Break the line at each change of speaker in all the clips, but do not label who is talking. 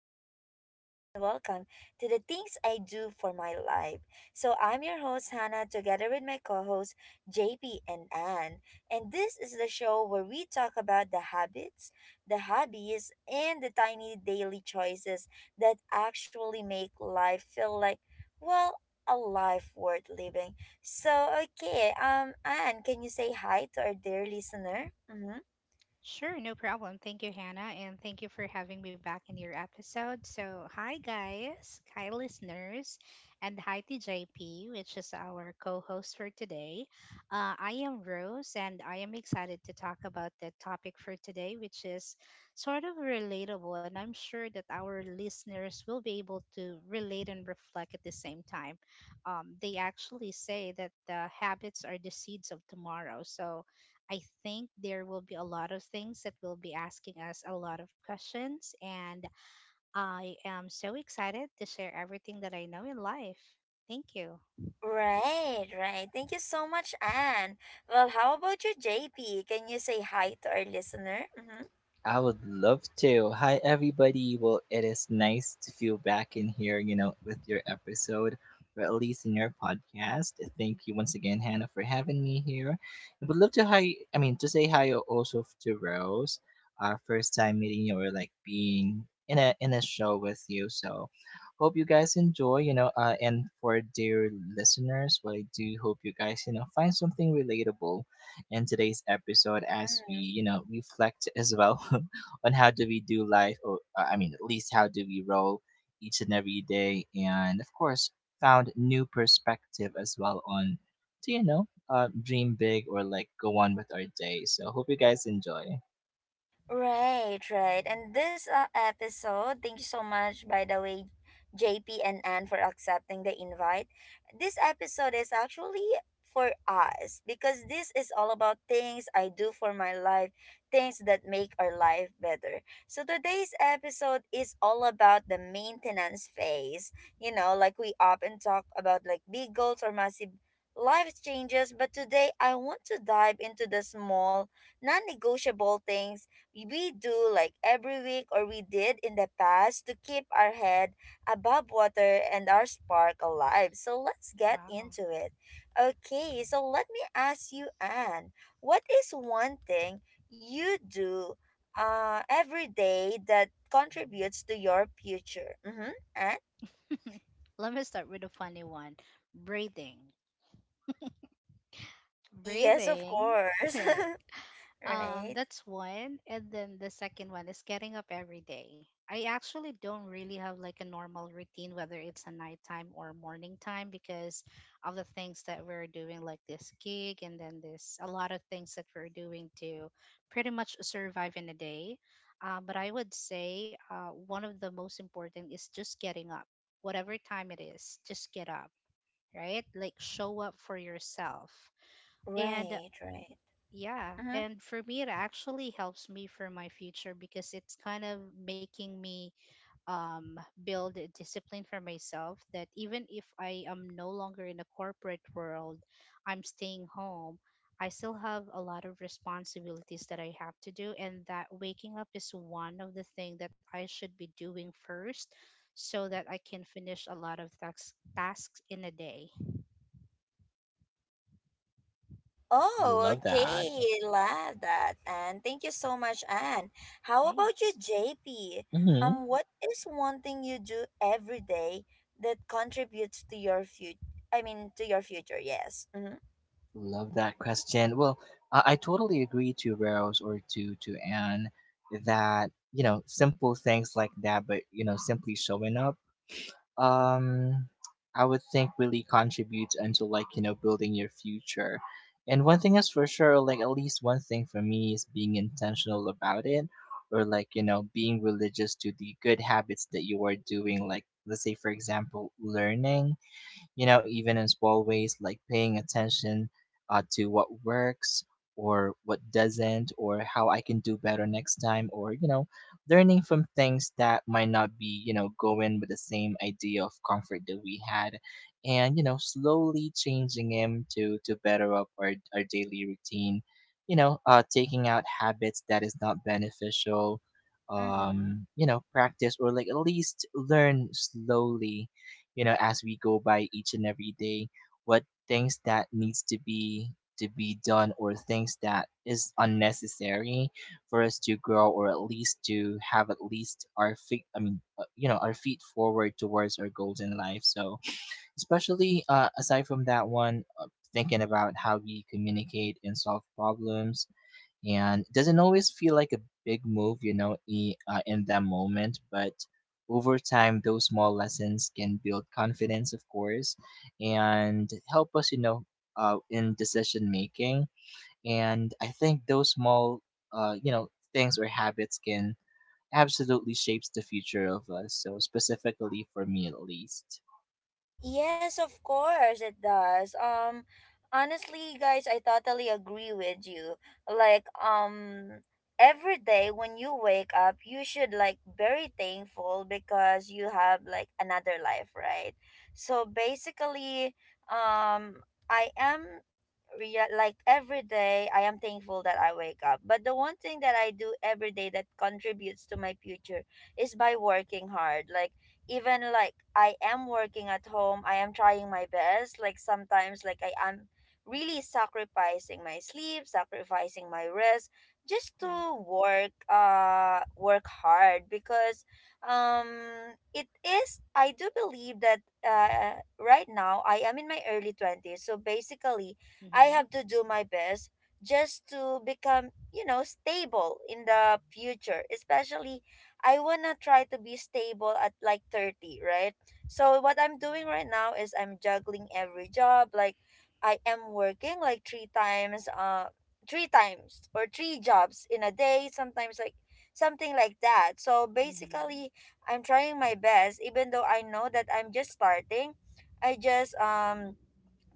to our podcast and welcome to the things I do for my life. So I'm your host Hannah together with my co-hosts JP and Anne. And this is the show where we talk about the habits, the hobbies, and the tiny daily choices that actually make life feel like, well, a life worth living. So okay, Anne, can you say hi to our dear listener? Mhm.
Sure, no problem. Thank you, Hannah, and thank you for having me back in your episode. So, hi guys, hi listeners, and hi to JP, which is our co-host for today. I am Rose, and I am excited to talk about the topic for today, which is sort of relatable, and I'm sure that our listeners will be able to relate and reflect at the same time. They actually say that the habits are the seeds of tomorrow, so I think there will be a lot of things that will be asking us a lot of questions, and I am so excited to share everything that I know in life. Thank you.
Right, right. Thank you so much, Anne. Well, how about you, JP? Can you say hi to our listener? Mm-hmm.
I would love to. Hi, everybody. Well, it is nice to feel back in here, you know, with your episode, or at least in your podcast. Thank you once again, Hannah, for having me here. I would love to hi. I mean, to say hi also to Rose. Our first time meeting you, or like being in a show with you. So, hope you guys enjoy. You know, and for dear listeners, well, I do hope you guys, you know, find something relatable in today's episode as we,
Mm-hmm.
you know, reflect as well on how do we do life, or I mean, at least how do we roll each and every day, and of course, found new perspective as well on, do you know, dream big or like go on with our day. So hope you guys enjoy.
Right, right. And this episode, thank you so much, by the way, JP and Anne, for accepting the invite. This episode is actually for us because this is all about things I do for my life, things that make our life better. So today's episode is all about the maintenance phase. You know, like we often talk about like big goals or massive life changes, but today I want to dive into the small, non negotiable things we do like every week or we did in the past to keep our head above water and our spark alive. So let's get
Wow.
into it. Okay, so let me ask you, Anne, what is one thing you do every day that contributes to your future? Mm-hmm. Anne?
Let me start with a funny one, breathing.
Yes, of
Breathing,
course.
right?
right,
That's one. And then the second one is getting up every day. I actually don't really have like a normal routine, whether it's a nighttime or morning time, because of the things that we're doing, like this gig, and then this a lot of things that we're doing to pretty much survive in a day. But I would say one of the most important is just getting up, whatever time it is, just get up, right? Like show up for yourself. And
right.
yeah, and for me, it actually helps me for my future because it's kind of making me build a discipline for myself that even if I am no longer in a corporate world, I'm staying home, I still have a lot of responsibilities that I have to do, and that waking up is one of the thing that I should be doing first so that I can finish a lot of tasks in a day.
Oh,
Love that.
okay. Love that. And thank you so much, Anne. How about you,
Thanks.
JP?
Mm-hmm.
What is one thing you do every day that contributes to your future? I mean, to your future, yes. Mm-hmm.
Love that question. Well, I totally agree to Rose or to Anne that you know simple things like that, but you know simply showing up um I would think really contributes into like you know building your future. And one thing is for sure, like at least one thing for me is being intentional about it, or like you know being religious to the good habits that you are doing. Like let's say for example, learning you know, even in small ways like paying attention to what works or what doesn't, or how I can do better next time, or, you know, learning from things that might not be, you know, going with the same idea of comfort that we had. And, you know, slowly changing him to better up our daily routine, you know, taking out habits that is not beneficial
Mm-hmm.
you know practice or like at least learn slowly you know, as we go by each and every day, what things that needs to be done or things that is unnecessary for us to grow or at least to have at least our feet I mean you know our feet forward towards our goals in life so especially aside from that one thinking about how we communicate and solve problems and it doesn't always feel like a big move, you know, in that moment, but over time, those small lessons can build confidence, of course, and help us, you know, in decision making. And I think those small, you know, things or habits can absolutely shapes the future of us. So specifically for me, at least.
Yes, of course it does. Um, honestly, guys, I totally agree with you. Um, every day when you wake up, you should like very thankful because you have like another life, right? So basically, um, I am like every day I am thankful that I wake up. But the one thing that I do every day that contributes to my future is by working hard. Like even like I am working at home, I am trying my best. Like sometimes, like I am really sacrificing my sleep, sacrificing my rest, just to
Right.
work, work hard because, um, it is. I do believe that, right now I am in my early 20s, so basically, I
Mm-hmm.
have to do my best just to become, you know, stable in the future, especially I wanna try to be stable at like 30, right? So what I'm doing right now is I'm juggling every job. Like I am working like three times or three jobs in a day, sometimes like something like that. So
Mm-hmm.
basically I'm trying my best even though I know that I'm just starting. I just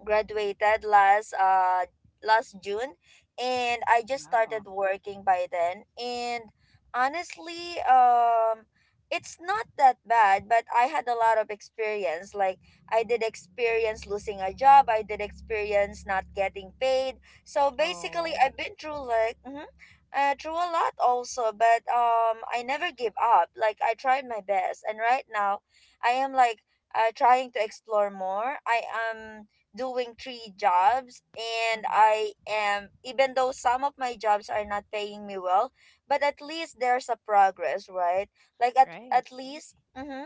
graduated last last June and I just
Wow.
started working by then. And honestly, um, it's not that bad, but I had a lot of experience. Like I did experience losing a job, I did experience not getting paid, so basically
Oh,
I've been through like mhm, through a lot also. But, I never give up. Like I tried my best, and right now I am like trying to explore more. I am doing three jobs, and
mhm.
I am, even though some of my jobs are not paying me well, but at least there's a progress, right? Like at
Right.
at least mhm,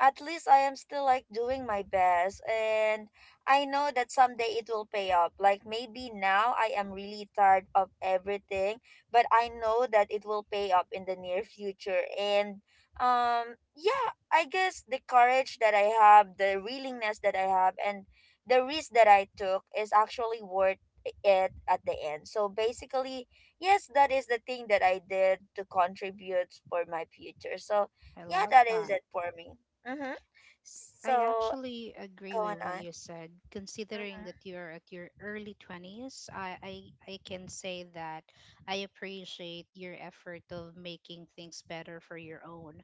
at least I am still like doing my best, and I know that someday it will pay up. Like maybe now I am really tired of everything, but I know that it will pay up in the near future. And um, yeah, I guess the courage that I have, the willingness that I have, and the risk that I took is actually worth it at the end. So basically, yes, that is the thing that I did to contribute for my future. So
I
yeah,
love
that is
that.
it for me. Mm-hmm.
I
So,
actually agree
going
with what
on.
you said. Considering that
Mm-hmm.
you're at your early 20s, I can say that I appreciate your effort of making things better for your own.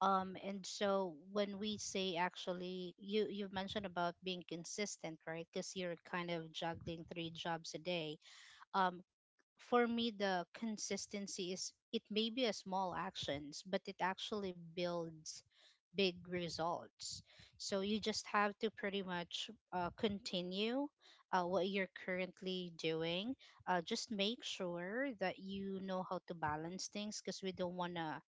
And so when we say actually, you mentioned about being consistent, right? Because you're kind of juggling three jobs a day. Um, for me the consistency is it may be a small actions but it actually builds big results, so you just have to pretty much continue what you're currently doing. Just make sure that you know how to balance things because we don't want to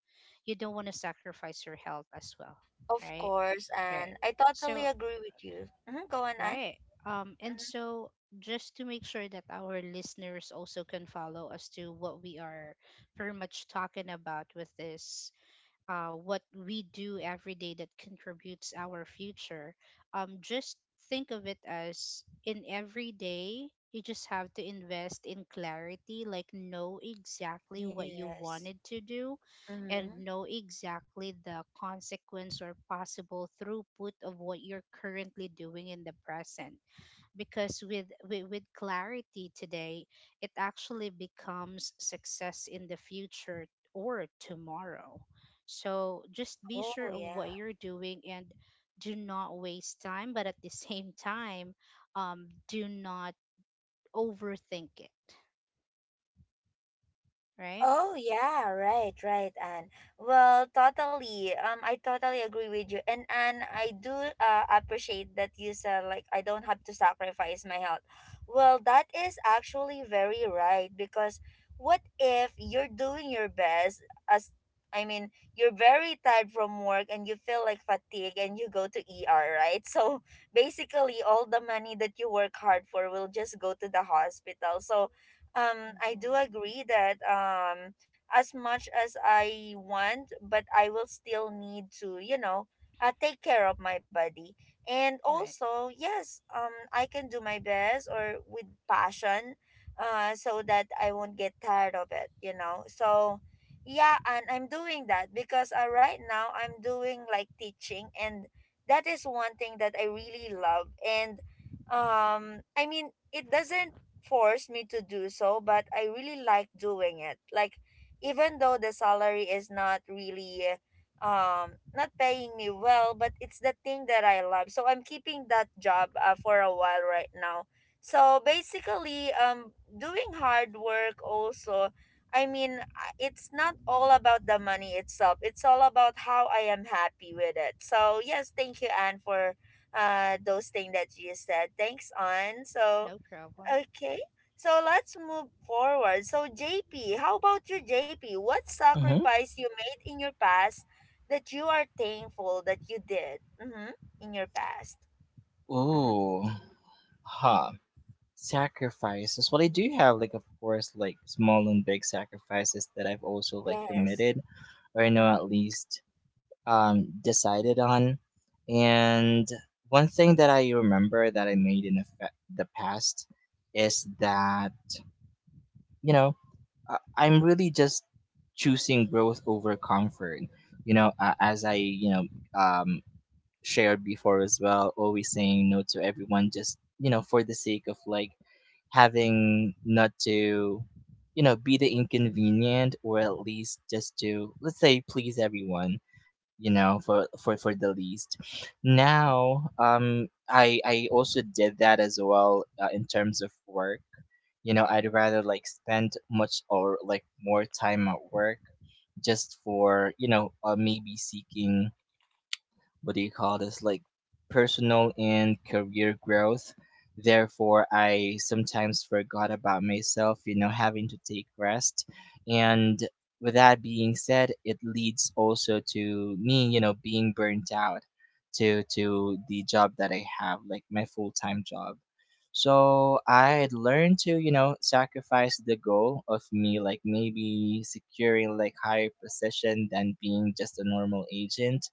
you don't want to sacrifice your health as well,
Of
right?
course,
Right.
and I totally
So
agree with you. Hmm, go on, Anne.
right. And
Mm-hmm.
so just to make sure that our listeners also can follow as to what we are pretty much talking about with this, what we do every day that contributes our future. Just think of it as, in every day, you just have to invest in clarity, like know exactly what you
Yes.
wanted to do
Mm-hmm.
and know exactly the consequence or possible throughput of what you're currently doing in the present, because with clarity today, it actually becomes success in the future or tomorrow. So just be sure
Oh,
of what
yeah.
you're doing, and do not waste time, but at the same time, do not overthink it, right?
Oh yeah, right, right, Anne. Well, totally. I totally agree with you, and Anne, I do appreciate that you said like I don't have to sacrifice my health. Well, that is actually very right, because what if you're doing your best as, I mean, you're very tired from work and you feel like fatigue and you go to ER, right? So basically all the money that you work hard for will just go to the hospital. So, I
Hmm.
do agree that um, as much as I want, but I will still need to, you know, take care of my body. And
Right.
also, yes, um, I can do my best or with passion so that I won't get tired of it, you know. So yeah, and I'm doing that because right now I'm doing like teaching, and that is one thing that I really love. And um, I mean it doesn't forced me to do so, but I really like doing it. Like even though the salary is not really not paying me well, but it's the thing that I love. So I'm keeping that job for a while right now. So basically um, doing hard work also, I mean, it's not all about the money itself. It's all about how I am happy with it. So yes, thank you, Anne, for those things that you said. Thanks, Anne. So
No problem.
Okay, so let's move forward. So, JP, how about you, JP? What
Mm-hmm.
sacrifice you made in your past that you are thankful that you did mm-hmm, in your past? Mm-hmm.
Oh, huh. Sacrifices. Well, I do have like, of course, like small and big sacrifices that I've also like
Yes.
committed, or I know
Mm-hmm.
at least decided on. And one thing that I remember that I made in the past is that you know I- I'm really just choosing growth over comfort. You know, as I you know um shared before as well, always saying no to everyone just, you know, for the sake of like having not to, you know, be the inconvenient or at least just to, let's say, please everyone you know for for the least now I also did that as well in terms of work you know I'd rather like spend much or like more time at work just for you know maybe seeking what do you call this like personal and career growth therefore I sometimes forgot about myself you know having to take rest
Hmm.
and with that being said it leads also to me you know being burnt out to the job that I have like my full-time job so I had learned to you know sacrifice the goal of me like maybe securing like higher position than being just a normal agent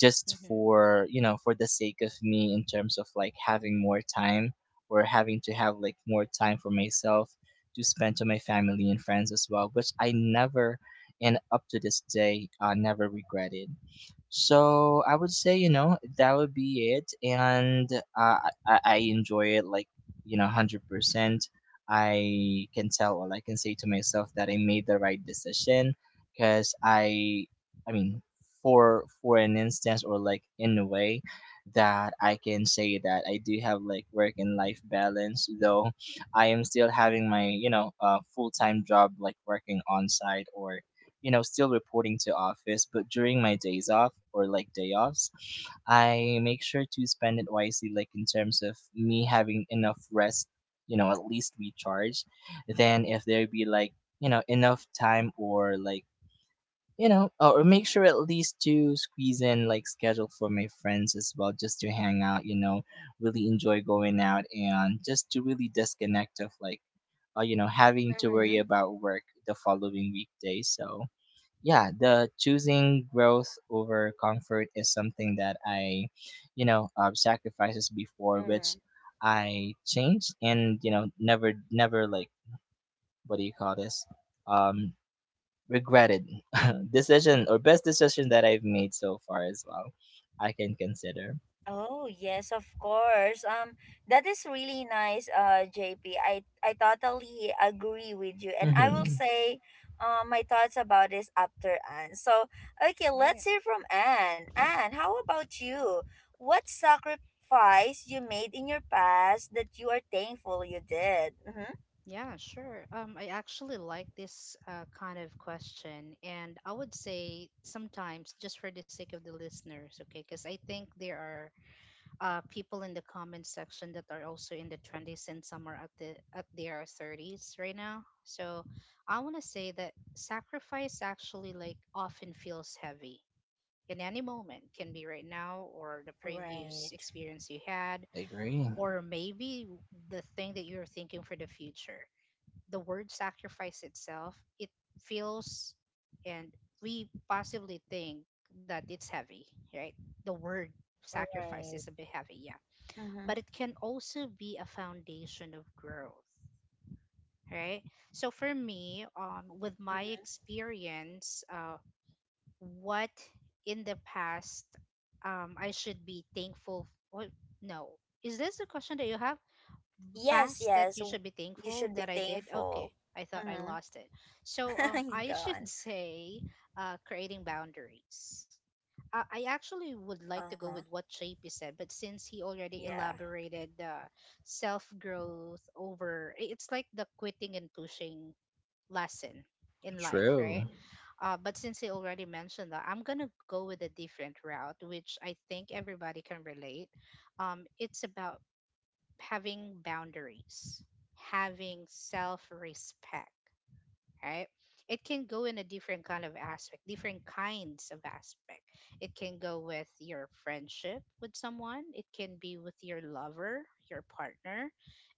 just
Hmm.
for you know for the sake of me in terms of like having more time or having to have like more time for myself to spend to my family and friends as well which I never and up to this day never regretted so I would say, you know, that would be it. And I enjoy it like, you know, 100%. I can tell all I can say to myself that I made the right decision because I mean, for an instance or like in a way that I can say that I do have like work and life balance, though I am still having my, you know, full time job like working on site or you know, still reporting to office, but during my days off or like day offs, I make sure to spend it wisely, like in terms of me having enough rest, you know, at least recharge. Then if there be like, you know, enough time or like, you know, or make sure at least to squeeze in like schedule for my friends as well, just to hang out, you know, really enjoy going out and just to really disconnect of like, you know, having to worry about work the following weekday. So, yeah the choosing growth over comfort is something that I you know sacrifices before which
Mm-hmm.
I changed and you know never like what do you call this um regretted decision or best decision that I've made so far as well I can consider.
Oh, yes, of course. That is really nice, JP. I totally agree with you. And I will
Mm-hmm.
say my thoughts about this after Anne. So, okay, let's
Right.
hear from Anne. Anne, how about you? What sacrifice you made in your past that you are thankful you did? Mm-hmm.
Yeah, sure. I actually like this kind of question, and I would say sometimes just for the sake of the listeners, okay, because I think there are people in the comment section that are also in the 20s and some are at their 30s right now. So I want to say that sacrifice actually like often feels heavy in any moment, can be right now or the previous
Right,
experience you had,
Agree.
or maybe the thing that you're thinking for the future. The word sacrifice itself, it feels, and we possibly think that it's heavy, right? The word sacrifice
right.
is a bit heavy, yeah.
Mm-hmm.
But it can also be a foundation of growth, right? So for me, with my
Mm-hmm.
experience, what in the past, I should be thankful. What? No. Is this the question that you have?
Yes,
Past that
yes.
you should be
You
thankful
should be
that I did. Okay,
thankful.
I thought I lost it. So
Mm-hmm.
I should
Gone.
say, creating boundaries. I actually would like to go
Uh-huh.
with what JP said, but since he already
Yeah.
elaborated the self growth over, it's like the quitting and pushing lesson in life,
True.
right? But since he already mentioned that, I'm gonna go with a different route, which I think everybody can relate. It's about having boundaries, having self respect, right? It can go in a different kind of aspect, different kinds of aspect. It can go with your friendship with someone, it can be with your lover, your partner,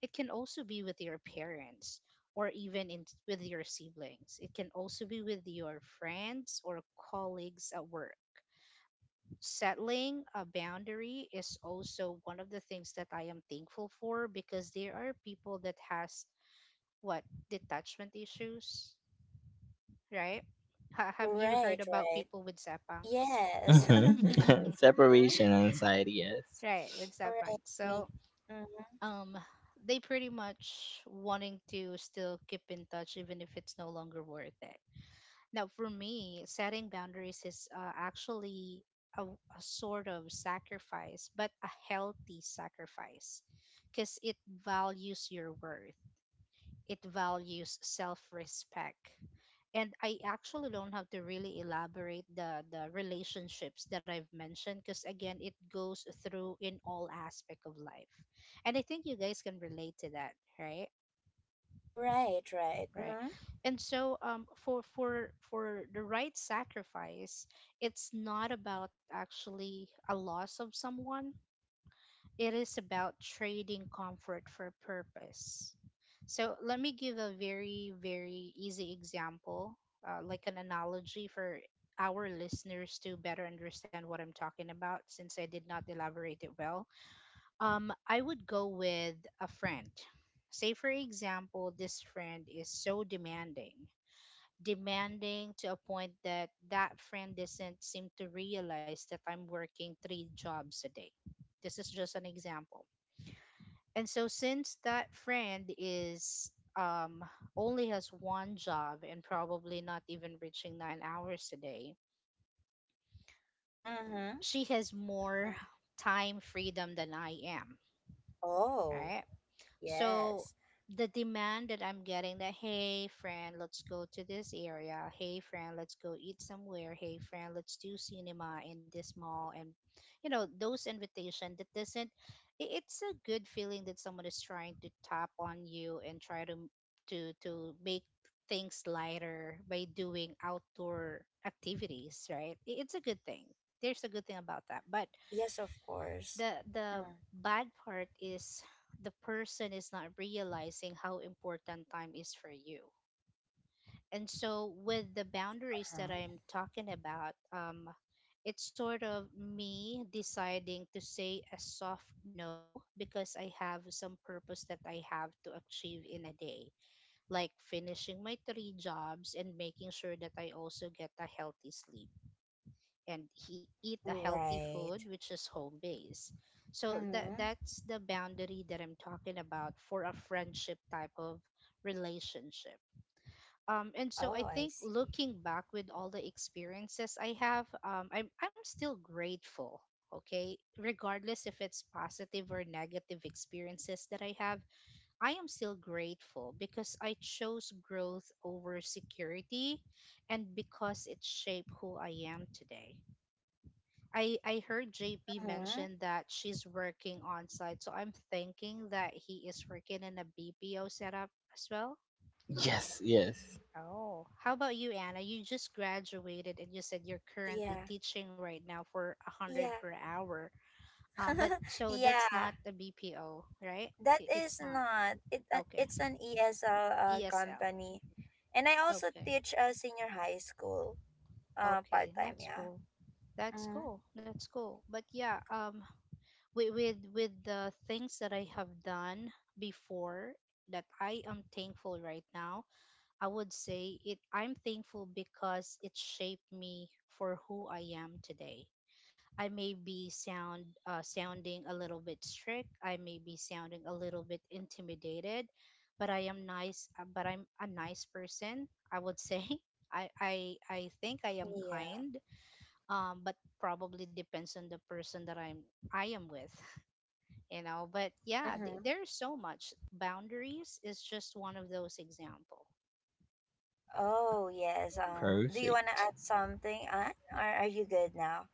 it can also be with your parents or even in, with your siblings. It can also be with your friends or colleagues at work. Settling a boundary is also one of the things that I am thankful for because there are people that has, what, detachment issues, right? Have you
Right,
heard about
right.
people with sapangs?
Yes.
Mm-hmm.
Mm-hmm.
Separation anxiety. Yes.
Right, with
Right.
sapangs.
Me.
So,
Mm-hmm.
um, they pretty much wanting to still keep in touch even if it's no longer worth it. Now, for me, setting boundaries is actually a sort of sacrifice, but a healthy sacrifice because it values your worth, it values self respect. And I actually don't have to really elaborate the relationships that I've mentioned because, again, it goes through in all aspect of life. And I think you guys can relate to that, right?
Right, right.
Right.
Mm-hmm.
And so for the right sacrifice, it's not about actually a loss of someone, it is about trading comfort for purpose. So let me give a very very easy example, like an analogy for our listeners to better understand what I'm talking about, since I did not elaborate it well. I would go with a friend. Say for example, this friend is so demanding, demanding to a point that that friend doesn't seem to realize that I'm working three jobs a day. This is just an example. And so since that friend is um, only has one job and probably not even reaching 9 hours a day,
Mm-hmm.
she has more time freedom than I am.
Oh,
Right? So
yes.
the demand that I'm getting, that, hey friend, let's go to this area. Hey friend, let's go eat somewhere. Hey friend, let's do cinema in this mall, and you know, those invitation that doesn't, it's a good feeling that someone is trying to tap on you and try to to make things lighter by doing outdoor activities, right? It's a good thing. There's a good thing about that. But
Yes, of course.
the bad part is the person is not realizing how important time is for you. And so with the boundaries that
Mm-hmm.
I'm talking about, it's sort of me deciding to say a soft no because I have some purpose that I have to achieve in a day, like finishing my three jobs and making sure that I also get a healthy sleep and he eat a healthy food,
Right.
which is home base. So
Mm-hmm.
that's the boundary that I'm talking about for a friendship type of relationship. And so
Oh,
I
I
think
see.
looking back with all the experiences I have, I'm still grateful. Okay, regardless if it's positive or negative experiences that I have, I am still grateful because I chose growth over security, and because it shaped who I am today. I heard JP
Mm-hmm.
mention that she's working on site, so I'm thinking that he is working in a BPO setup as well.
Yes, yes.
Oh, how about you, Anna? You just graduated and you said you're currently
Yeah.
teaching right now for a hundred
Yeah.
per hour. But so that's
yeah.
not a BPO, right?
That
It's
is
not.
not it.
Okay.
It's an ESL
ESL.
company, and I also
Okay.
teach senior high school
Okay.
part time.
That's
Yeah.
cool. That's
Mm-hmm.
cool. That's cool. But yeah, with the things that I have done before that I am thankful right now, I would say it, I'm thankful because it shaped me for who I am today. I may be sound, sounding a little bit strict, I may be sounding a little bit intimidated, but I am nice, but I'm a nice person, I would say. I, I I think I am
Yeah.
kind, but probably depends on the person that I am with. You know, but yeah,
Mm-hmm.
there's so much, boundaries is just one of those example.
Oh, yes. Do you want to
Perfect.
add something, Anne, or are you good now?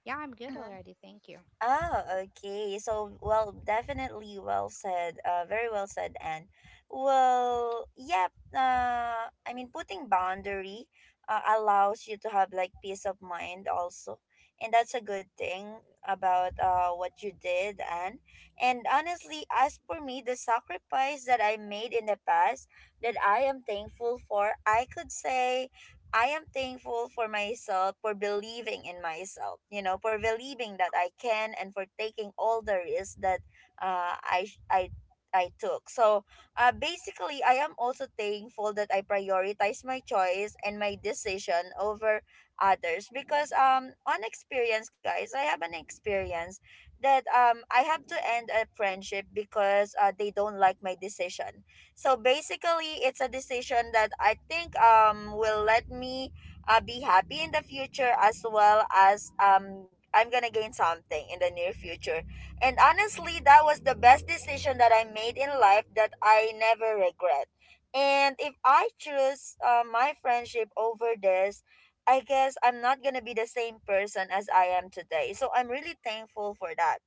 Yeah, I'm good already, thank you.
Oh, okay. So, well, definitely well said. Very well said, Anne. Well, yep. I mean, putting boundary allows you to have like peace of mind also, and that's a good thing about what you did, Anne. And honestly, as for me, the sacrifice that I made in the past that I am thankful for, I could say I am thankful for myself for believing in myself, you know, for believing that I can, and for taking all the risks that uh, I I I took. So, basically, I am also thankful that I prioritize my choice and my decision over others, because um, on experience, guys, I have an experience that um, I have to end a friendship because they don't like my decision. So basically, it's a decision that I think um, will let me be happy in the future, as well as um, I'm gonna gain something in the near future. And honestly, that was the best decision that I made in life that I never regret. And if I choose my friendship over this, I guess I'm not gonna be the same person as I am today. So I'm really thankful for that.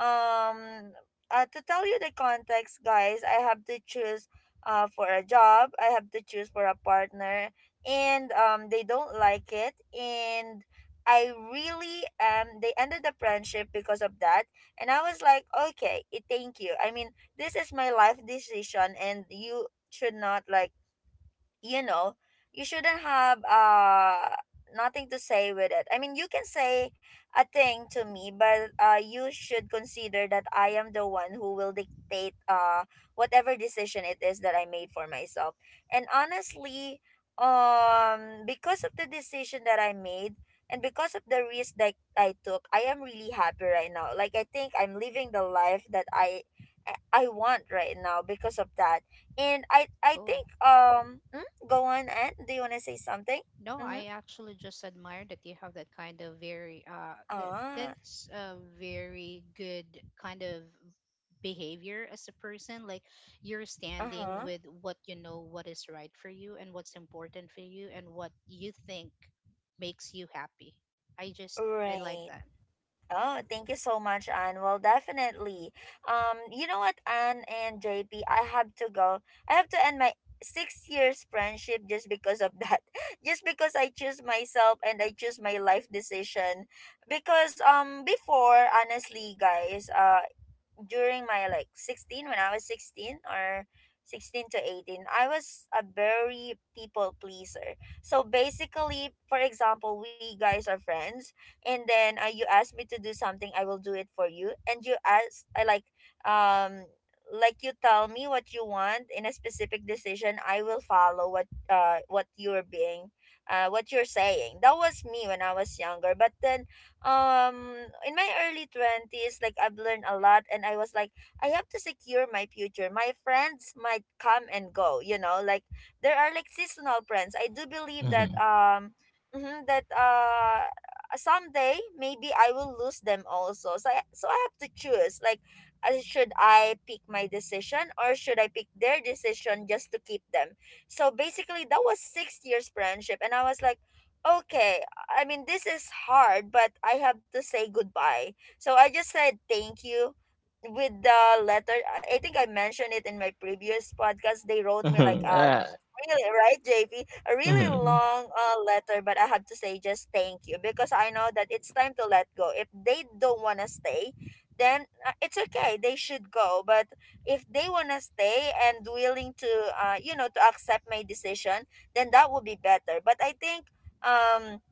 Um, to tell you the context, guys, I have to choose for a job. I have to choose for a partner, and they don't like it, and I really um, they ended the friendship because of that. And I was like, okay, eh, thank you. I mean, this is my life decision, and you should not like, you know, you shouldn't have nothing to say with it. I mean, you can say a thing to me, but you should consider that I am the one who will dictate whatever decision it is that I made for myself. And honestly, um, because of the decision that I made and because of the risk that I took, I am really happy right now. Like I think I'm living the life that I want right now because of that. And I
Cool.
think go on, and do you want to say something?
No,
Mm-hmm.
I actually just admire that you have that kind of very that
Ah,
that's a very good kind of behavior as a person, like you're
uh
standing
huh.
with what you know what is right for you and what's important for you and what you think makes you happy. i just I like
Right.
that.
Oh, thank you so much, Anne. Well, definitely. You know what, Anne and JP, I have to go. I have to end my 6 years friendship just because of that. Just because I choose myself and I choose my life decision. Because before, honestly, guys, during my 16 when I was 16 or 16 to 18. I was a very people pleaser. So basically, for example, we guys are friends, and then you ask me to do something, I will do it for you. And you ask I like um you tell me what you want in a specific decision, I will follow what you're being what you're saying. That was me when I was younger. But then um in my early 20s, I've learned a lot, and I was like, I have to secure my future. My friends might come and go, you know. Like, there are like seasonal friends. I do believe that.
Mm-hmm.
Mhm, that uh Someday maybe I will lose them also. So I have to choose, like, should I pick my decision or should I pick their decision just to keep them? So basically, that was 6 years friendship, and I was like, okay. I mean, this is hard, but I have to say goodbye. So I just said thank you with the letter. I think I mentioned it in my previous podcast. They wrote me like
Mm-hmm.
a really, right, JP, really
Mhm,
long letter. But I have to say just thank you because I know that it's time to let go. If they don't want to stay, then it's okay, they should go. But if they want to stay and willing to, you know, to accept my decision, then that would be better. But I think um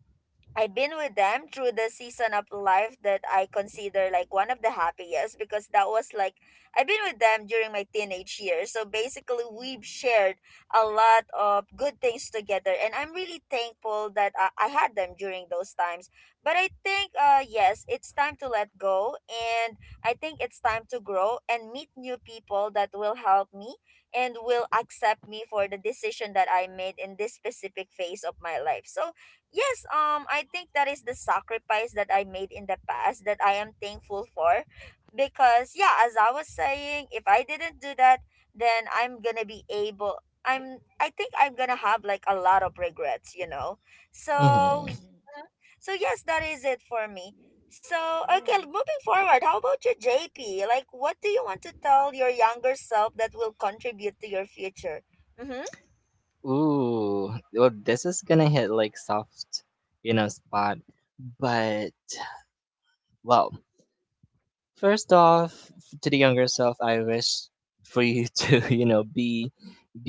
I've been with them through the season of life that I consider like one of the happiest, because that was like, I've been with them during my teenage years. So basically, we've shared a lot of good things together, and I'm really thankful that I had them during those times. But I think yes, it's time to let go, and I think it's time to grow and meet new people that will help me and will accept me for the decision that I made in this specific phase of my life. So yes, I think that is the sacrifice that I made in the past that I am thankful for. Because, yeah, as I was saying, if I didn't do that, then I'm gonna be able, I'm, I think I'm gonna have like a lot of regrets, you know? So.
mhm.
Mhm.
Mhm. So yes, that is it for me. So, okay,
Cool.
moving forward, how about you, JP? Like, what do you want to tell your younger self that will contribute to your future? Mm-hmm.
Ooh, well, this is gonna hit like soft, you know, spot. But well, first off, to the younger self, I wish for you to, you know,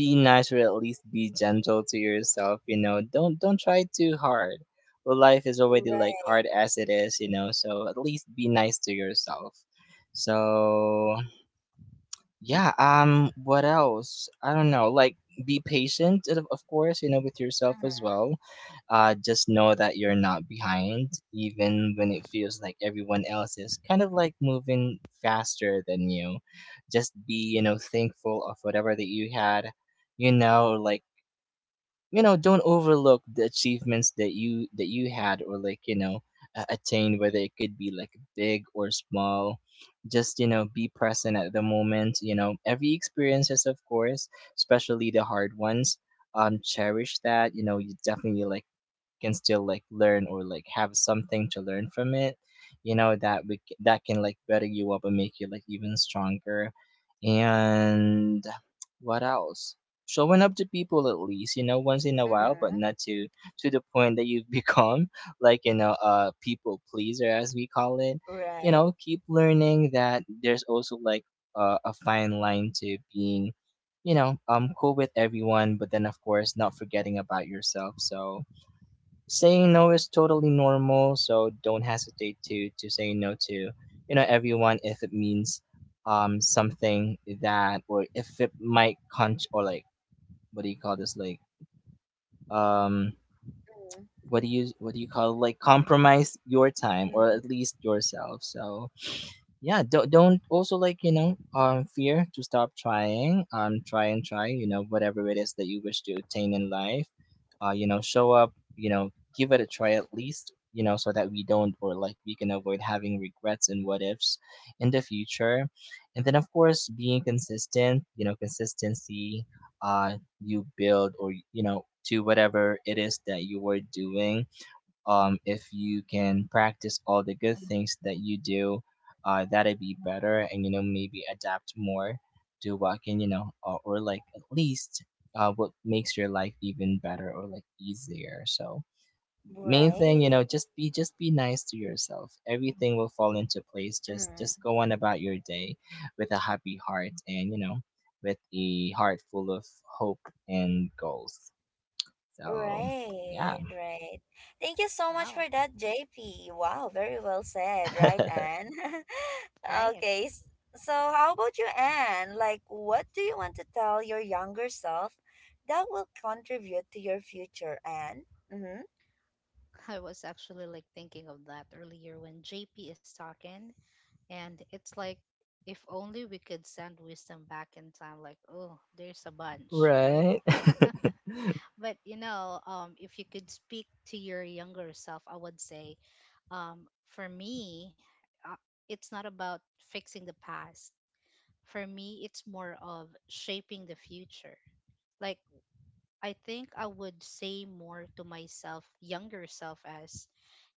be nice or at least be gentle to yourself. You know, don't try too hard. Well, life is already like
Right.
hard as it is, you know. So at least be nice to yourself. So yeah, what else? I don't know. Like be patient and of course, you know, with yourself as well. Just know that you're not behind even when it feels like everyone else is kind of like moving faster than you. Just be, you know, thankful of whatever that you had. You know, like you know don't overlook the achievements that you had or like you know attained whether it could be like big or small just you know be present at the moment you know every experiences of course especially the hard ones cherish that you know you definitely like can still like learn or like have something to learn from it you know that that can like better you up and make you like even stronger and what else showing up to people at least you know once in a while but
Mm-hmm.
not to to the point that you've become like you know a people pleaser as we call it you
Right.
know keep learning that there's also like a fine line to being you know cool with everyone but then of course not forgetting about yourself so saying no is totally normal so don't hesitate to say no to you know everyone if it means something that or if it might con or like what do you call this like um what do you call it? Like compromise your time or
Mm-hmm.
at least yourself so yeah don't also like you know fear to stop trying try and try you know whatever it is that you wish to attain in life you know show up you know give it a try at least you know so that we don't or like we can avoid having regrets and what ifs in the future and then of course being consistent you know consistency uh you build or you know to whatever it is that you were doing if you can practice all the good things that you do, that'd be better. And you know, maybe adapt more to what can you know, or like at least what makes your life even better or like easier. So main thing, you
Right.
know, just be nice to yourself. Everything will fall into place. Just
Mm.
go on about your day with a happy heart and you know, with a heart full of hope and goals. So yeah.
Right, right. Thank you so much
Wow.
for that, JP. Wow, very well said, right, Anne?
Right.
Okay, so how about you, Anne? Like, what do you want to tell your younger self that will contribute to your future, Anne? Mm-hmm.
I was actually like thinking of that earlier when JP is talking, and it's like if only we could send wisdom back in time, like, oh, there's a bunch, right?
Right?
But if you could speak to your younger self, I would say, for me, uh, it's not about fixing the past. For me, it's more of shaping the future. Like, I think I would say more to myself, younger self, as,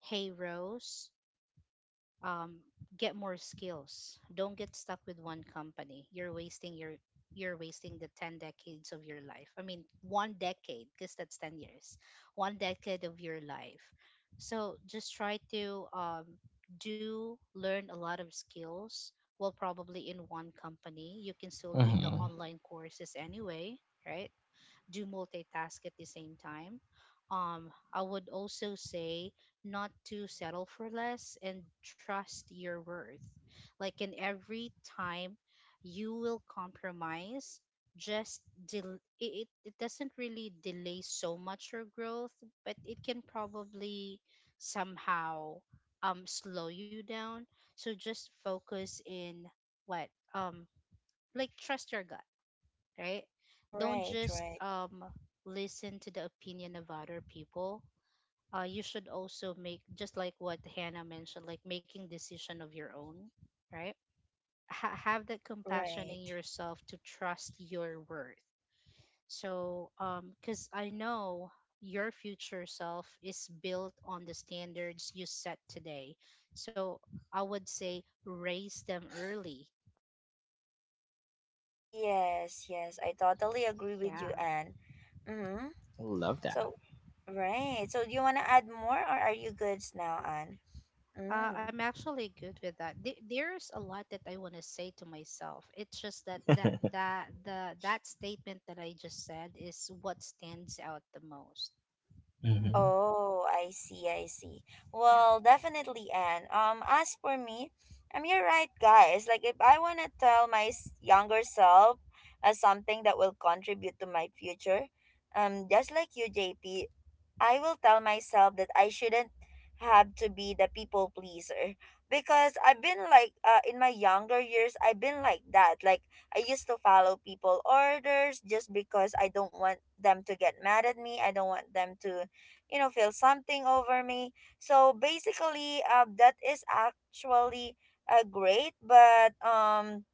hey, Rose, um, get more skills. Don't get stuck with one company. You're wasting your you're wasting the 10 decades of your life. I mean, one decade, because that's 10 years, one decade of your life. So just try to do learn a lot of skills. Well, probably in one company, you can still do the
Mm-hmm.
online courses anyway, right? Do multitask at the same time. I would also say not to settle for less and trust your worth. Like in every time you will compromise, just it doesn't really delay so much your growth, but it can probably somehow slow you down. So just focus in what um like trust your gut, right? Don't
Right,
just
right,
listen to the opinion of other people. You should also make, just like what Hannah mentioned, like making decision of your own, right? Have that compassion in
right.
yourself to trust your worth. So, because I know your future self is built on the standards you set today. So I would say raise them early.
Yes, yes, I totally agree with you,
Yeah.
Anne. Mm-hmm.
Love that.
So, right. So, do you want to add more or are you good now, Anne?
I'm
Mm.
actually good with that. There's a lot that I want to say to myself. It's just that that that the that statement that I just said is what stands out the most.
Mm-hmm.
Oh, I see, I see.
Yeah.
Well, definitely, Anne. As for me, I'm you're right, guys. Like, if I want to tell my younger self as something that will contribute to my future, just like you, J P, I will tell myself that I shouldn't have to be the people pleaser, because I've been like, in my younger years, I've been like that. Like, I used to follow people orders just because I don't want them to get mad at me. I don't want them to, you know, feel something over me. So basically, that is actually great, but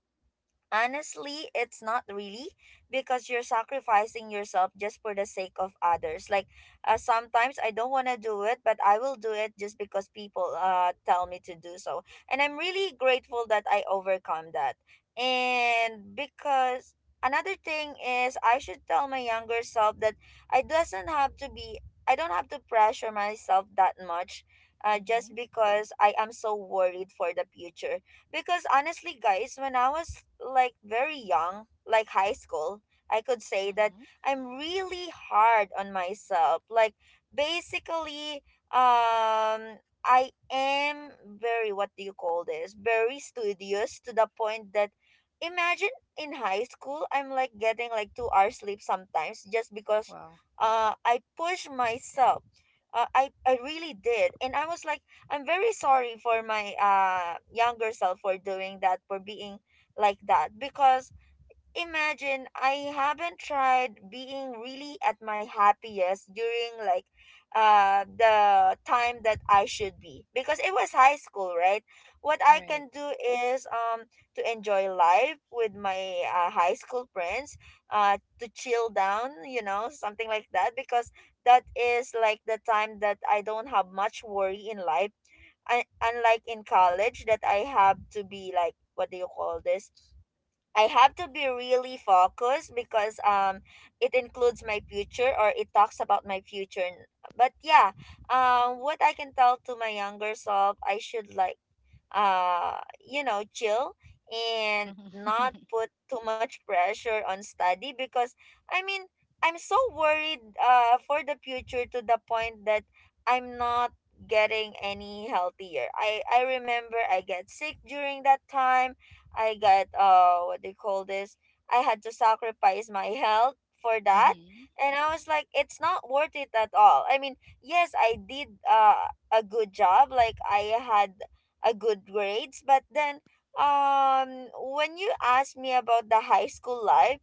honestly, it's not really, because you're sacrificing yourself just for the sake of others. Like, sometimes I don't want to do it, but I will do it just because people tell me to do so. And I'm really grateful that I overcome that. And because another thing is, I should tell my younger self that I doesn't have to be I don't have to pressure myself that much, just
Mhm.
because I am so worried for the future. Because honestly, guys, when I was like very young, like high school, I could say that
Mhm.
I'm really hard on myself. Like basically, um I am very, what do you call this? Very studious to the point that, imagine in high school, I'm like getting like 2 hours sleep sometimes just because
Well,
I push myself. I really did. And I was like, I'm very sorry for my younger self for doing that, for being like that. Because imagine, I haven't tried being really at my happiest during like the time that I should be. Because it was high school, right? What
you're
I
right.
can do is to enjoy life with my high school friends, to chill down, you know, something like that. Because that is like the time that I don't have much worry in life, I, unlike in college that I have to be like, what do you call this? I have to be really focused because it includes my future or it talks about my future. But yeah, what I can tell to my younger self, I should like, you know, chill, and
Mhm.
not put too much pressure on study. Because I mean, I'm so worried for the future to the point that I'm not getting any healthier. I remember I get sick during that time. I got what they call this. I had to sacrifice my health for that.
Mhm.
And I was like, it's not worth it at all. I mean, yes, I did a good job, like I had a good grades, but then when you ask me about the high school life,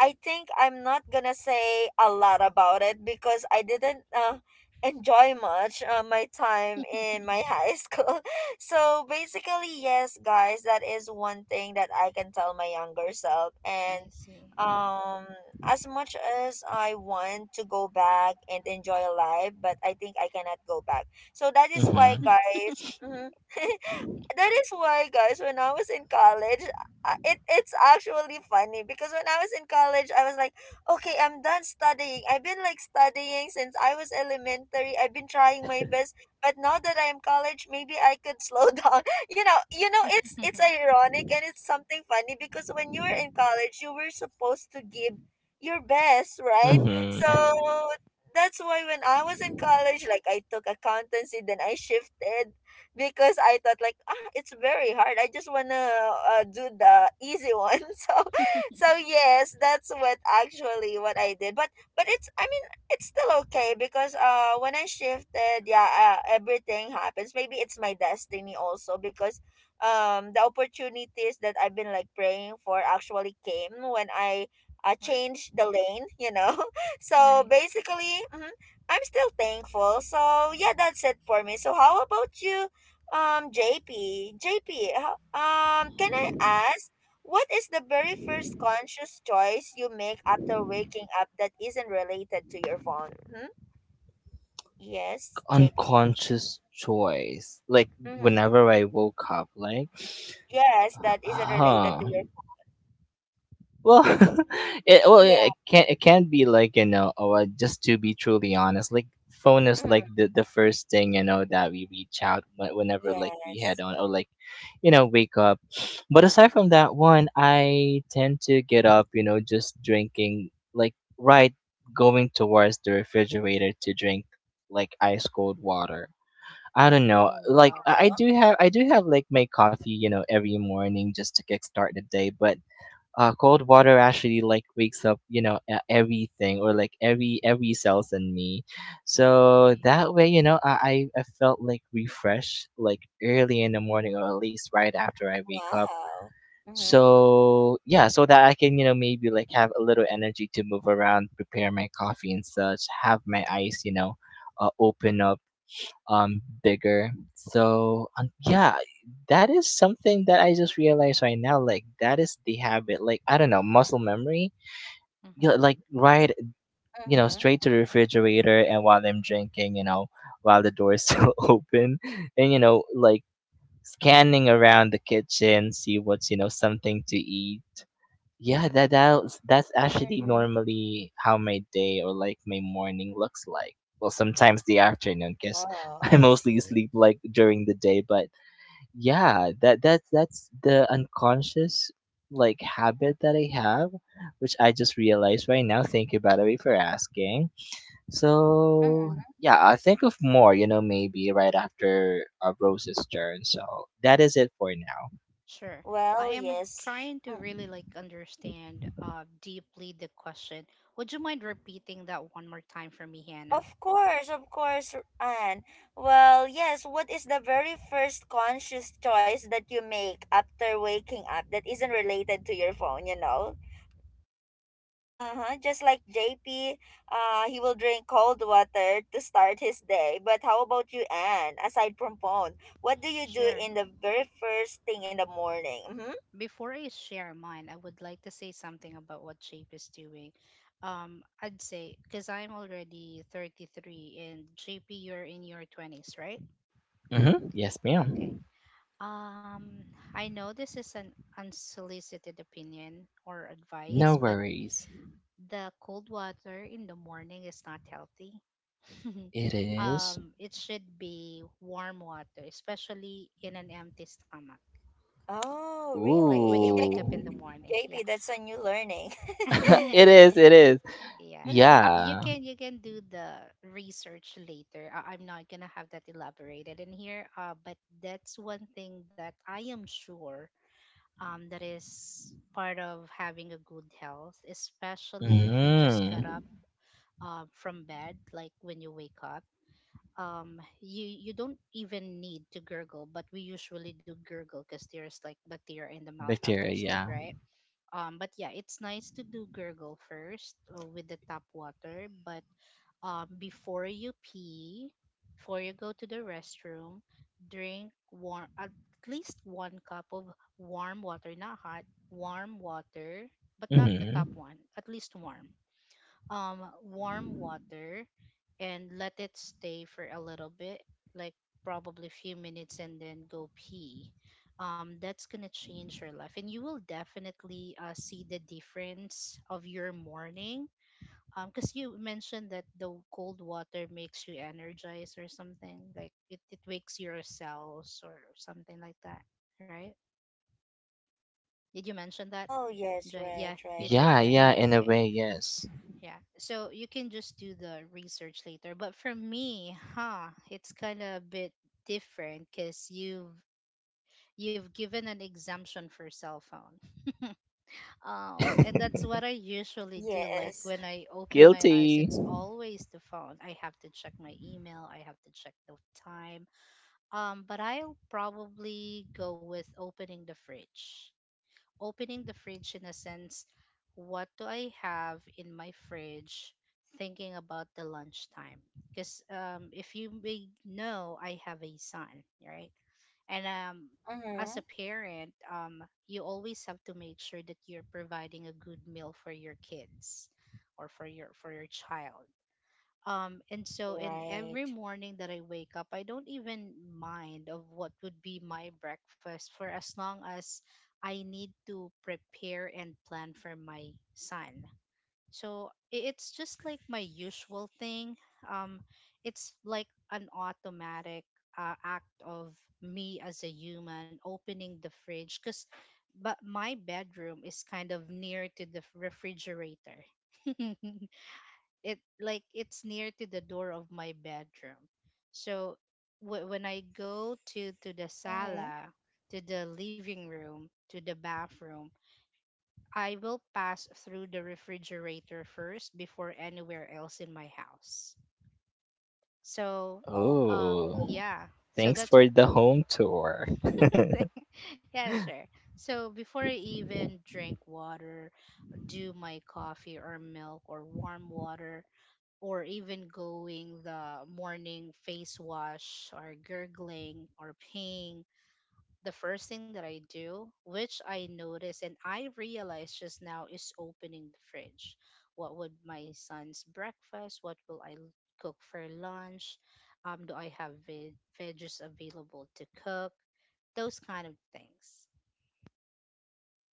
I think I'm not gonna say a lot about it because I didn't enjoy much my time in my high school. So basically, yes, guys, that is one thing that I can tell my younger self. And
I see.
um, as much as I want to go back and enjoy life, but I think I cannot go back. So that is why,
Mm-hmm.
guys. Mhm. That is why, guys, when I was in college, it's actually funny, because when I was in college, I was like, okay, I'm done studying. I've been studying since I was elementary. I've been trying my best, but now that I'm college, maybe I could slow down. You know, you know, it's ironic and it's something funny, because when you were in college, you were supposed to give your best, right?
Right.
Mm-hmm.
So
Right.
that's why when I was in college, like, I took accountancy, then I shifted, because I thought like, ah, it's very hard. I just wanna do the easy one. So yes, that's what actually what I did. But it's, I mean, it's still okay, because when I shifted, yeah, everything happens. Maybe it's my destiny also, because the opportunities that I've been like praying for actually came when I changed the lane, you know. So
Right.
basically, mhm, I'm still thankful. So yeah, that's it for me. So how about you? JP, can I ask, what is the very first conscious choice you make after waking up that isn't related to your phone? Hmm? Yes, JP.
Unconscious choice. Like
Mm-hmm.
whenever I woke up, like,
Yes, that isn't related
huh.
to your.
Well, it well yeah,
Yeah.
it can be like you know oh, just to be truly honest, like phone is
Mm-hmm.
like the first thing you know that we reach out whenever like we head
Yes.
on or like you know wake up. But aside from that one, I tend to get up, you know, just drinking like right going towards the refrigerator to drink like ice cold water. I don't know.
Oh,
Like
wow.
I
Oh,
do have my coffee, every morning just to kickstart the day, but cold water actually like wakes up, you know, everything, or like every cells in me.
No, I'm
So
really.
that way, you know, I felt like refreshed, like early in the morning, or at least right after I wake up.
wow. Mm-hmm.
So yeah, so that I can, you know, maybe like have a little energy to move around, prepare my coffee and such, have my eyes, you know, open up bigger. So yeah, that is something that I just realized right now. Like that is the habit, like I don't know, muscle memory. Yeah,
Mhm.
like right, you know,
Mm-hmm.
straight to the refrigerator. And while I'm drinking, you know, while the door is still open, and you know, like scanning around the kitchen, see what's, you know, something to eat. Yeah, that's that's actually
Mm-hmm.
normally how my day or like my morning looks like. Well, sometimes the afternoon, because
Oh,
I
I
mostly
see.
sleep like during the day. But yeah, that's that's the unconscious like habit that I have, which I just realized right now. Thank you, by the way, for asking. So
Mm-hmm.
yeah, I'll think of more. You know, maybe right after Rose's turn. So that is it for now.
Sure. I
Well,
am like,
yes.
trying to
Mm.
really like understand deeply the question. Would you mind repeating that one more time for me, Hannah?
Of course, Anne. Well, yes, what is the very first conscious choice that you make after waking up that isn't related to your phone, you know? Uh-huh. Just like JP, he will drink cold water to start his day. But how about you, Anne? Aside from phone, what do you do
Sure.
in the very first thing in the morning? Mm-hmm.
Before I share mine, I would like to say something about what Shape is doing. I'd say because I'm already 33 and JP, you're in your 20s, right?
Mm-hmm. Yes,
Okay.
ma'am.
Um, I know this is an unsolicited opinion or
No
advice, but
worries.
the cold water in the morning is not healthy.
It is.
It should be warm water, especially in an empty stomach.
Oh,
Like when
really?
you wake up in
Ooh.
the morning. Yeah.
JP, that's a new learning.
It is. It is.
Yeah.
Mm-hmm.
Yeah.
You can do the research later. I'm not gonna have that elaborated in here. But that's one thing that I am sure that is part of having a good health, especially if you just got
Mm-hmm.
up from bed, like when you wake up, you don't even need to gurgle, but we usually do gurgle because there's like bacteria in the mouth after
Bacteria.
sleep,
Yeah.
right? But yeah, it's nice to do gurgle first, with the tap water, but before you pee, before you go to the restroom, drink warm at least one cup of warm water, not hot warm water, but not the top
Mm-hmm.
one, at least warm, warm water, and let it stay for a little bit, like probably few minutes, and then go pee. That's gonna change your life, and you will definitely see the difference of your morning, because you mentioned that the cold water makes you energized or something like it wakes your cells or something like that, right? Did you mention that,
Oh, yes,
Jay?
right,
Yeah, he
right.
did,
Yeah.
right?
Mm-hmm.
Yeah. In a
Okay.
way, yes.
Yeah. So you can just do the research later. But for me, huh, it's kind of a bit different because you've given an exemption for cell phone. And that's what I usually do. Like
Yes.
when I open my eyes,
Guilty.
it's always the phone. I have to check my email. I have to check the time. But I'll probably go with opening the fridge, in a sense, what do I have in my fridge? Thinking about the lunchtime, because if you may know, I have a son, right? And as a
Mm-hmm.
parent, you always have to make sure that you're providing a good meal for your kids or for your child. And
Yeah,
so in every
right.
morning that I wake up, I don't even mind of what would be my breakfast for as long as I need to prepare and plan for my son. So it's just like my usual thing, um it's like an automatic, act of me as a human, opening the fridge, because but my bedroom is kind of near to the refrigerator. It, like, it's near to the door of my bedroom, so when I go to the
Mm-hmm.
sala, to the living room, to the bathroom, I will pass through the refrigerator first before anywhere else in my house, so
Oh,
Oh.
yeah, so
Thanks
that's one
for the home tour.
thing, yeah sure. So before I even drink water, do my coffee or milk or warm water, or even going the morning face wash or gurgling or peeing, the first thing that I do, which I notice and I realize just now, is opening the fridge. What would my son's breakfast? What will I cook for lunch? Do I have veggies available to cook? Those kind of things.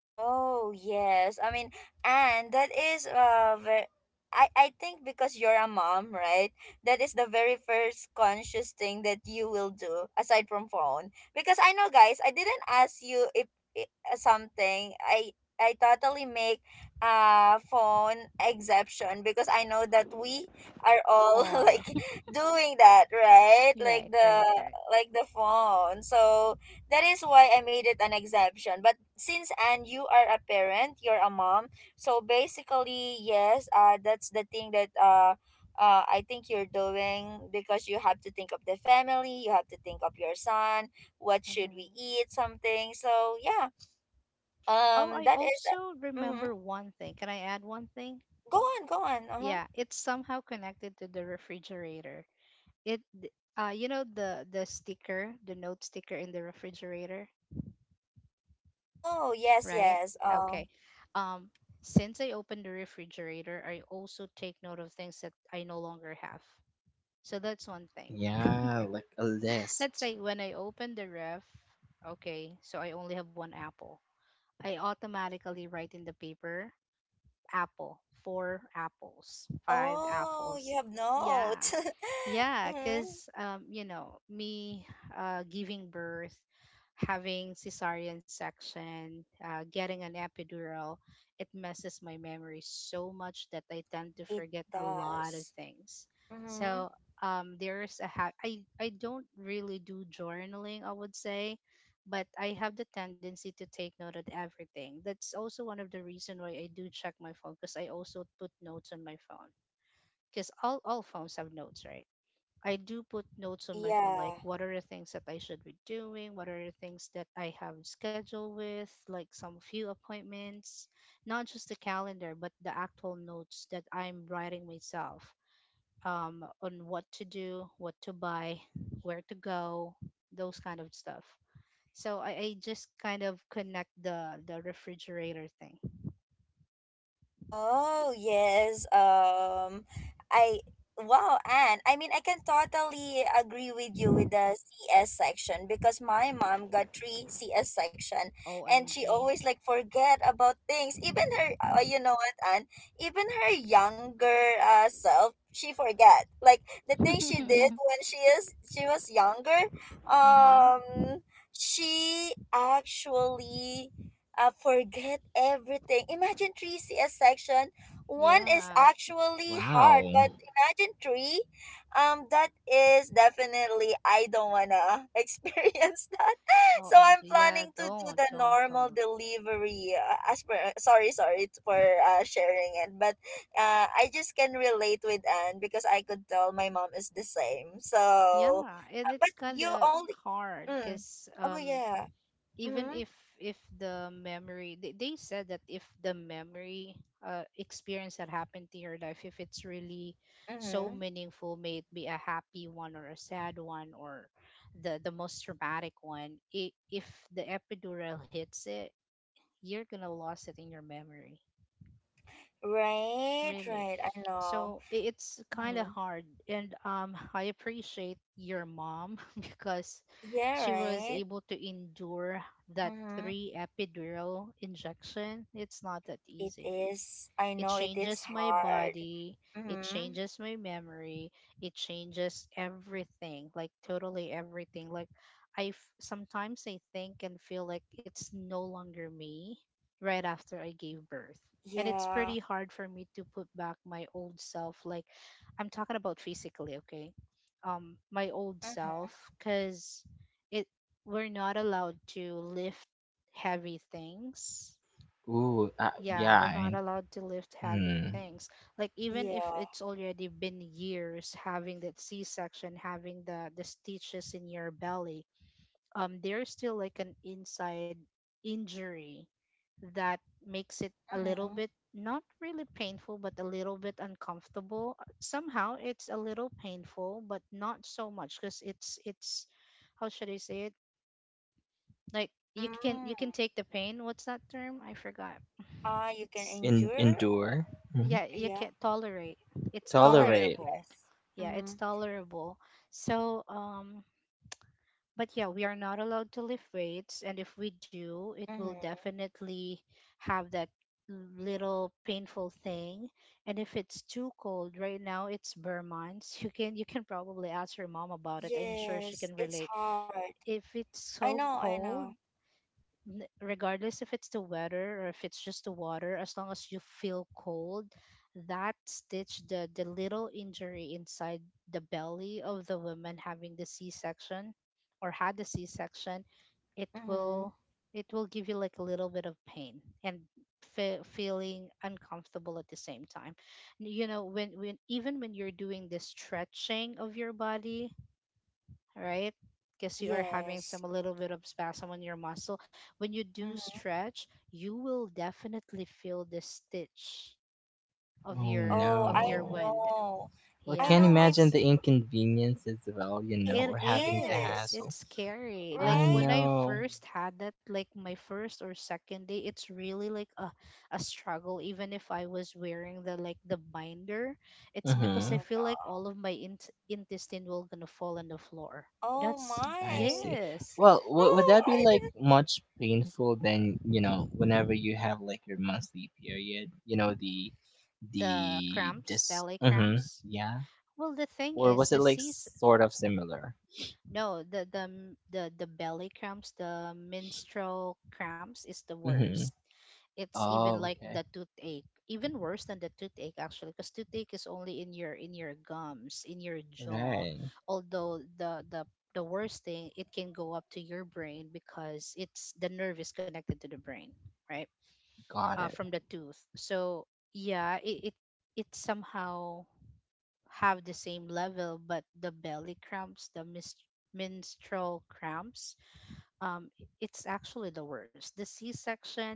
oh yes. I mean, and that is very, I think because you're a mom, right? That is the very first conscious thing that you will do aside from phone. Because I know, guys, I didn't ask you if something. I totally make a phone exception because I know that we are all
All.
like doing that, right? Like
Right,
the,
right, right.
like the phone. So that is why I made it an exemption. But since and you are a parent, you're a mom, so basically, yes, that's the thing that I think you're doing, because you have to think of the family, you have to think of your son, what should
Hmm.
we eat, something. So yeah,
Oh, I
that is.
also
Mm-hmm.
remember one thing. Can I add one thing?
Go on, go on. Uh huh.
Yeah, it's somehow connected to the refrigerator. It, th- you know the sticker, the note sticker in the refrigerator,
Oh yes,
right?
yes.
Okay.
Oh,
Um, since I open the refrigerator, I also take note of things that I no longer have. So that's one thing.
Yeah, like a
Let's
list.
say when I open the ref, okay, so I only have one apple. I automatically write in the paper apple, four apples, five
oh, you
apples.
have
Yeah.
notes.
Yeah,
Mm-hmm.
because me giving birth, having cesarean section, getting an epidural, it messes my memory so much that I tend to
It
forget a lot of
does.
things.
Mm-hmm.
So there's a I don't really do journaling. I would say but I have the tendency to take note of everything. That's also one of the reason why I do check my phone because I also put notes on my phone. Because all phones have notes, right? I do put notes on my phone, like
Yeah.
what are the things that I should be doing, what are the things that I have scheduled with, like some few appointments, not just the calendar, but the actual notes that I'm writing myself on what to do, what to buy, where to go, those kind of stuff. So I just kind of connect the refrigerator thing.
Oh, yes. I wow, and I mean I can totally agree with you with the CS section because my mom got three CS section, and she
OMG.
always like forget about things. Even her, you know what, and even her younger self, she forget like the thing she did when she was younger.
Mm-hmm.
Um, she actually forget everything. Imagine three CS section. One is
Yeah.
actually hard,
Wow.
but imagine three. That is definitely I don't wanna experience that. So I'm
OMG. Yeah,
planning to do the
don't,
normal
don't.
delivery. As per sorry, sorry t- for sharing it, but I just can relate with Anne because I could tell my mom is the same. So,
Yeah, and
but
it's kind
you
of
only.
hard
Mm,
because
oh yeah.
even
Mm-hmm.
if the memory, they said that if the memory, experience that happened to your life, if it's really so
Mm-hmm.
meaningful, may it be a happy one or a sad one or the most traumatic one, I if the epidural hits it, you're gonna lose it in your memory.
Right,
Really.
right. I know.
So it's kind of
Mm.
hard. And I appreciate your mom because
Yeah,
she was
right.
able to endure that
Mm-hmm.
three epidural injection. It's not that
It
easy.
is. I
It
know it is
changes my
hard.
body, it
Mm-hmm.
changes my memory, it changes everything, like totally everything. Like I sometimes I think and feel like it's no longer me right after I gave birth. And it's
Yeah.
pretty hard for me to put back my old self. Like I'm talking about physically, okay? My old self,
Mm-hmm.
because it we're not allowed to lift heavy things.
Ooh,
Yeah,
yeah.
we're not allowed to lift heavy
Mm.
things. Like even if
Yeah.
it's already been years having that C-section, having the stitches in your belly, there's still like an inside injury that makes it a little
Mm-hmm.
bit not really painful, but a little bit uncomfortable. Somehow it's a little painful, but not so much because it's how should I say it? Like
Mm.
you can take the pain. What's that term? I forgot.
Ah, you can
It's.
endure.
Endure. Mhm.
Yeah, you
Yeah.
can't tolerate. It's
Tolerate.
Tolerate.
Yes.
tolerable. Yeah,
Mm-hmm.
it's tolerable. So but yeah, we are not allowed to lift weights, and if we do, it will
Mm-hmm.
definitely have that little painful thing. And if it's too cold right now, it's Vermont, you can probably ask her mom about it, I'm sure she
Yes.
can
It's
relate
hard.
if it's
I
so
know. I know.
cold. Regardless if it's the weather or if it's just the water, as long as you feel cold, that stitch, the little injury inside the belly of the woman having the C-section or had the C-section, it
Mm-hmm.
will give you like a little bit of pain and feeling uncomfortable at the same time. When even when you're doing the stretching of your body, right? Because you are having
Yes.
some a little bit of spasm on your muscle. When you do
Mm-hmm.
stretch, you will definitely feel the stitch of
Oh
your
Oh,
of
I
your
no.
wind.
know.
Well, I
I
can't
know.
Yeah,
My
imagine
that's
the inconvenience as well, you
it
know,
it
or having the
is.
Is.
hassle.
It's scary. Like
I
Right?
when I
know.
first had that, like my first or second day, it's really like a struggle. Even if I was wearing the like the binder, it's because I
Mm-hmm.
Oh,
feel like
no.
all of my intestine will gonna fall on the floor.
Oh
That's
I
my.
see.
Yes.
Well, would
Oh,
that be
I
like
didn't.
much painful than, you know, whenever you have like your monthly period, you know,
The
the
cramps,
dis
belly
mm-hmm,
cramps.
yeah.
Well, the thing
Or
is,
was
the
it like
season,
sort of similar?
no, the m- the belly cramps, the menstrual cramps is the worst.
Mm-hmm.
It's even
Oh,
like the
okay.
toothache, even worse than the toothache actually, because toothache is only in your gums, in your jaw.
Right.
Although the worst thing, it can go up to your brain because it's the nerve is connected to the brain, right?
Got it.
From the tooth. So yeah, it it somehow. Have the same level, but the belly cramps, the menstrual cramps, um, it's actually the worst. The C-section,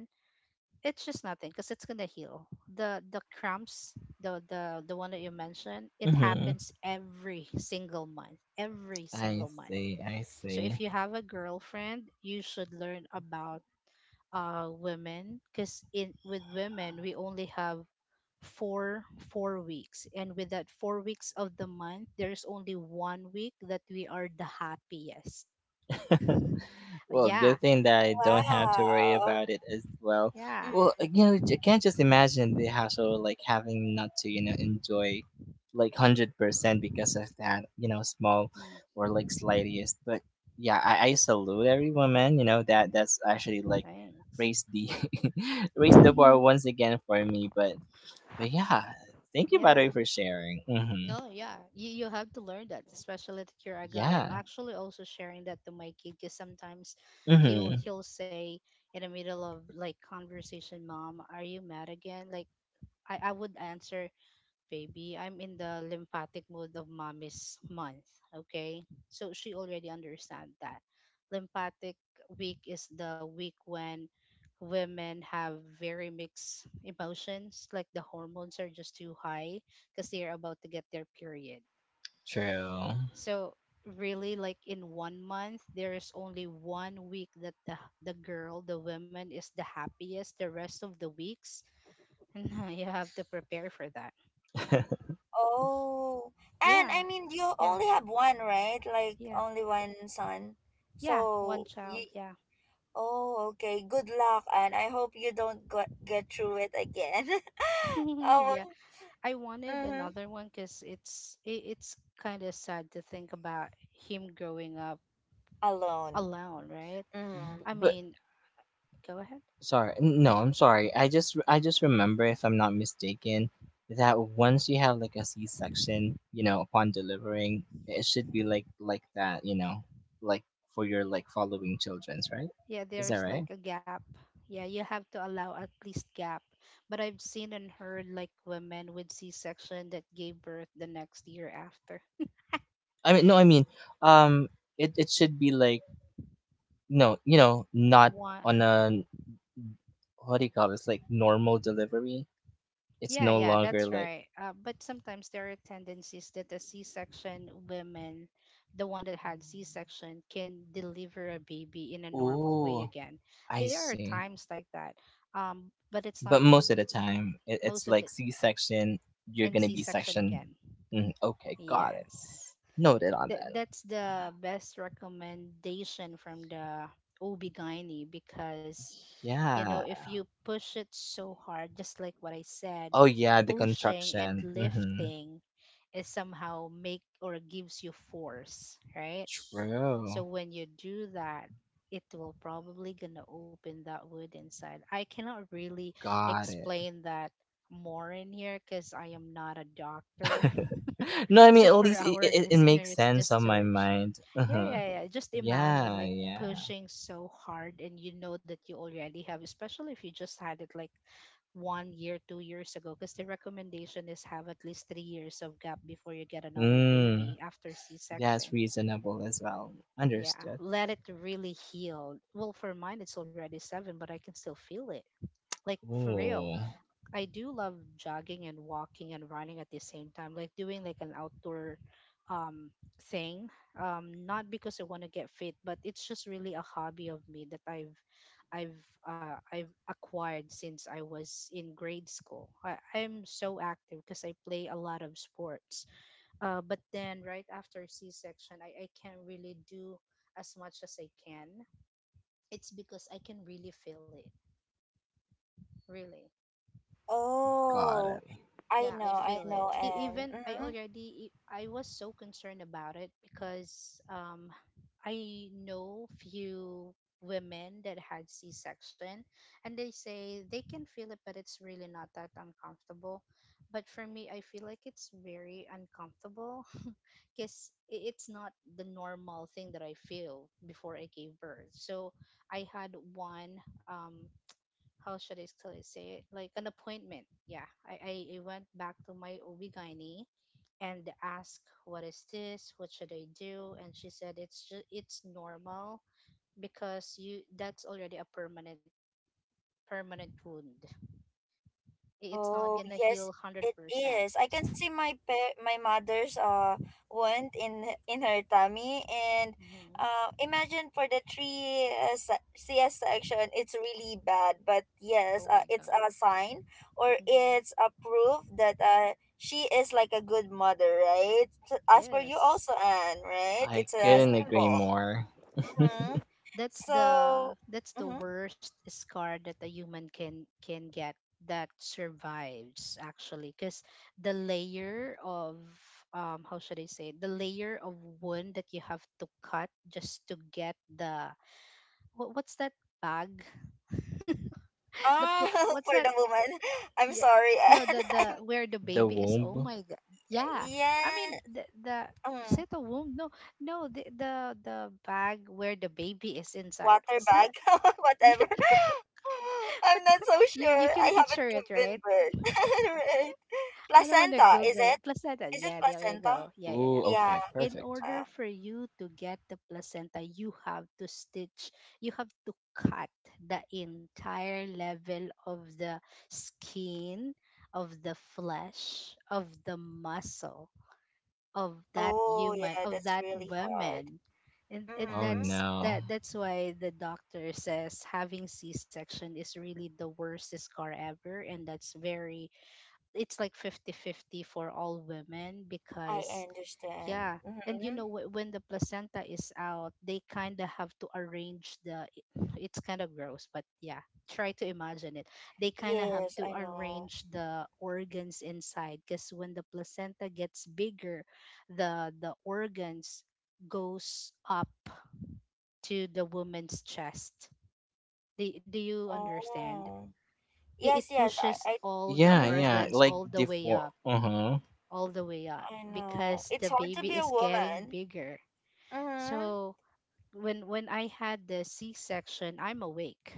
it's just nothing because it's gonna heal. The cramps, the one that you mentioned, it
Mm-hmm.
happens every single month, every
I
single month.
see, I
So
see.
if you have a girlfriend, you should learn about women because in with women we only have for 4 weeks. And with that 4 weeks of the month, there's only one week that we are the happiest.
Well, good
Yeah,
thing that I don't have to worry
Wow.
about it as well.
yeah.
Well,
Mm.
you know, I can't just imagine the hassle like having not to, you know, enjoy like 100% because of that, you know, small
Mm,
or like slightest. But yeah, I salute every woman, you know, that that's actually like
thanks.
raised the raised the bar once again for me. But yeah, thank you, by the
Yeah.
way, for sharing. Hmm.
No, yeah. You have to learn that, especially that you're a guy. I'm
Yeah.
actually also sharing that to my kid because sometimes
Hmm.
he'll say in the middle of like conversation, Mom, are you mad again? Like I would answer, baby. I'm in the lymphatic mode of mommy's month. Okay. So she already understand that. Lymphatic week is the week when women have very mixed emotions, like the hormones are just too high because they are about to get their period.
True.
So really like in one month there is only one week that the woman is the happiest, the rest of the weeks you have to prepare for that.
Oh. And
Yeah,
I mean, you
yeah,
only have one, right? Like
yeah.
only one son.
Yeah, one
So you.
child. Yeah,
Oh, okay. Good luck, and I hope you don't get through it again. Oh.
yeah. I wanted
Mm-hmm.
another one because it's kind of sad to think about him growing up
Alone.
alone, right?
Mm-hmm.
I
But
mean, go ahead.
No, I'm sorry. I just remember, if I'm not mistaken, that once you have like a C-section, you know, upon delivering, it should be like that, you know, like for your like following children's, right?
Yeah,
Is that
there's
right?
like a gap. Yeah, you have to allow at least gap. But I've seen and heard like women with C-section that gave birth the next year after.
I mean, no, I mean, um, it it should be like no, you know, not
One,
on a what do you call this? Like normal delivery. It's
yeah,
no
yeah,
longer
that's
like,
right. But sometimes there are tendencies that a C-section women, the one that had C-section, can deliver a baby in a normal way
oh,
again.
I
There are
see.
times like that, but it's not
But most of the time,
most
it's
of the,
like C section, you're
and
gonna be
C-section
section.
again.
Mm, okay, got it.
Yes,
Noted on
that
that.
that's the best recommendation from the ob because you know
Yeah.
if you push it so hard, just like what I said,
Oh, yeah, the
pushing and
contraction. Mm-hmm.
lifting is somehow make or gives you force, right? So
True.
when you do that, it will probably gonna open that wood inside. I cannot really
Got it.
explain that more in here because I am not a doctor.
No, I mean,
so
at
for
least
our
it makes
listeners,
sense
just
on my
search.
mind.
Yeah,
Uh-huh.
yeah, yeah. Just imagine
Yeah,
like
yeah.
pushing so hard and you know that you already have, especially if you just had it like 1 year, 2 years ago, because the recommendation is have at least 3 years of gap before you get another
Mm,
baby after
that's
C-section.
reasonable as well.
Yeah,
Understood.
let it really heal. Well, for mine, it's already seven, but I can still feel it. Like for
Ooh,
real. I do love jogging and walking and running at the same time, like doing like an outdoor um thing. Not because I want to get fit, but it's just really a hobby of me that I've I've acquired since I was in grade school. I'm so active because I play a lot of sports. But then right after C-section, I can't really do as much as I can. It's because I can really feel it, really.
got
Oh,
it.
Yeah, I
I
feel it.
know,
E-
and
even
mm-hmm.
I was so concerned about it because I know few women that had C-section and they say they can feel it but it's really not that uncomfortable. But for me, I feel like it's very uncomfortable because it's not the normal thing that I feel before I gave birth. So I had one um, how should I still say it? Like an appointment. Yeah. I went back to my ob and asked, what is this? What should I do? And she said, it's normal because that's already a permanent wound. I- It's not
Oh,
going to heal
yes, it
100%.
is. I can see my pa- my mother's wound in her tummy and
Mm-hmm.
imagine for the three se- CS section, it's really bad, but
Oh
yes,
my
it's
God.
a sign or it's
Mm-hmm.
a proof that she is like a good mother, right? So, as for you
Yes.
also, Anne, right?
I
It's a
couldn't agree
symbol.
Yes.
more.
Hmm.
that's
So,
the that's the
mhm.
worst scar that a human can get that survives actually because the layer of how should I say it? The layer of wound that you have to cut just to get the what, what's that bag,
Ah,
what's
for
that,
the woman, I'm
yeah,
sorry,
no,
and
the
I'm,
where the
The
baby is, oh
womb.
my god. Yeah, I
yeah.
mean the is
Mm,
it a womb? No, no, the bag where the baby is inside,
water
what's
bag,
that?
whatever.
But
I'm not so
you
sure.
can
I
picture
haven't
it, right?
given birth. Right.
I don't want to
Placenta, is
Google
it?
it. Placenta.
Is it
Yeah, there you
placenta?
go. Yeah, yeah,
Ooh,
yeah.
Yeah.
okay,
In
perfect.
order for you to get the placenta, you have to stitch, you have to cut the entire level of the skin, of the flesh, of the muscle, of that
Oh,
human,
yeah,
of
that's
that
really hard.
woman. And
Oh
Mm-hmm.
that's
no.
that's why the doctor says having C-section is really the worst scar ever, and that's very, it's like 50 50 for all women
I
because
understand.
yeah. And you
Mm-hmm.
know, when the placenta is out, they kind of have to arrange the. It's kind of gross, but yeah, try to imagine it. They kind of have
Yes,
to
I know.
arrange the organs inside because when the placenta gets bigger, the organs goes up to the woman's chest. Do you understand?
Oh.
It
Yes, yes,
pushes all the
I,
Yeah,
mm-hmm.
yeah,
organs
like
all the way
default.
up,
Uh-huh.
all the way up
I know.
because
It's
the
hard to
baby
be a
is getting
woman.
bigger.
Mm-hmm.
So when I had the C-section, I'm awake.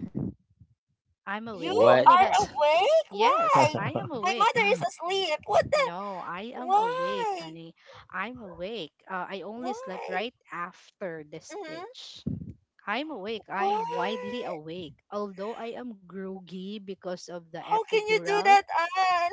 I'm awake. I
You
What?
only
are
had,
awake?
yes,
Why?
I am
My
awake.
mother is asleep. What the?
No, I am awake,
Why?
honey. I'm awake. I only slept
Why?
right after the
Mm-hmm.
stitch. I'm awake. I'm widely
Why?
awake. Although I am groggy because of the
How can you do
epidural.
that, Anne?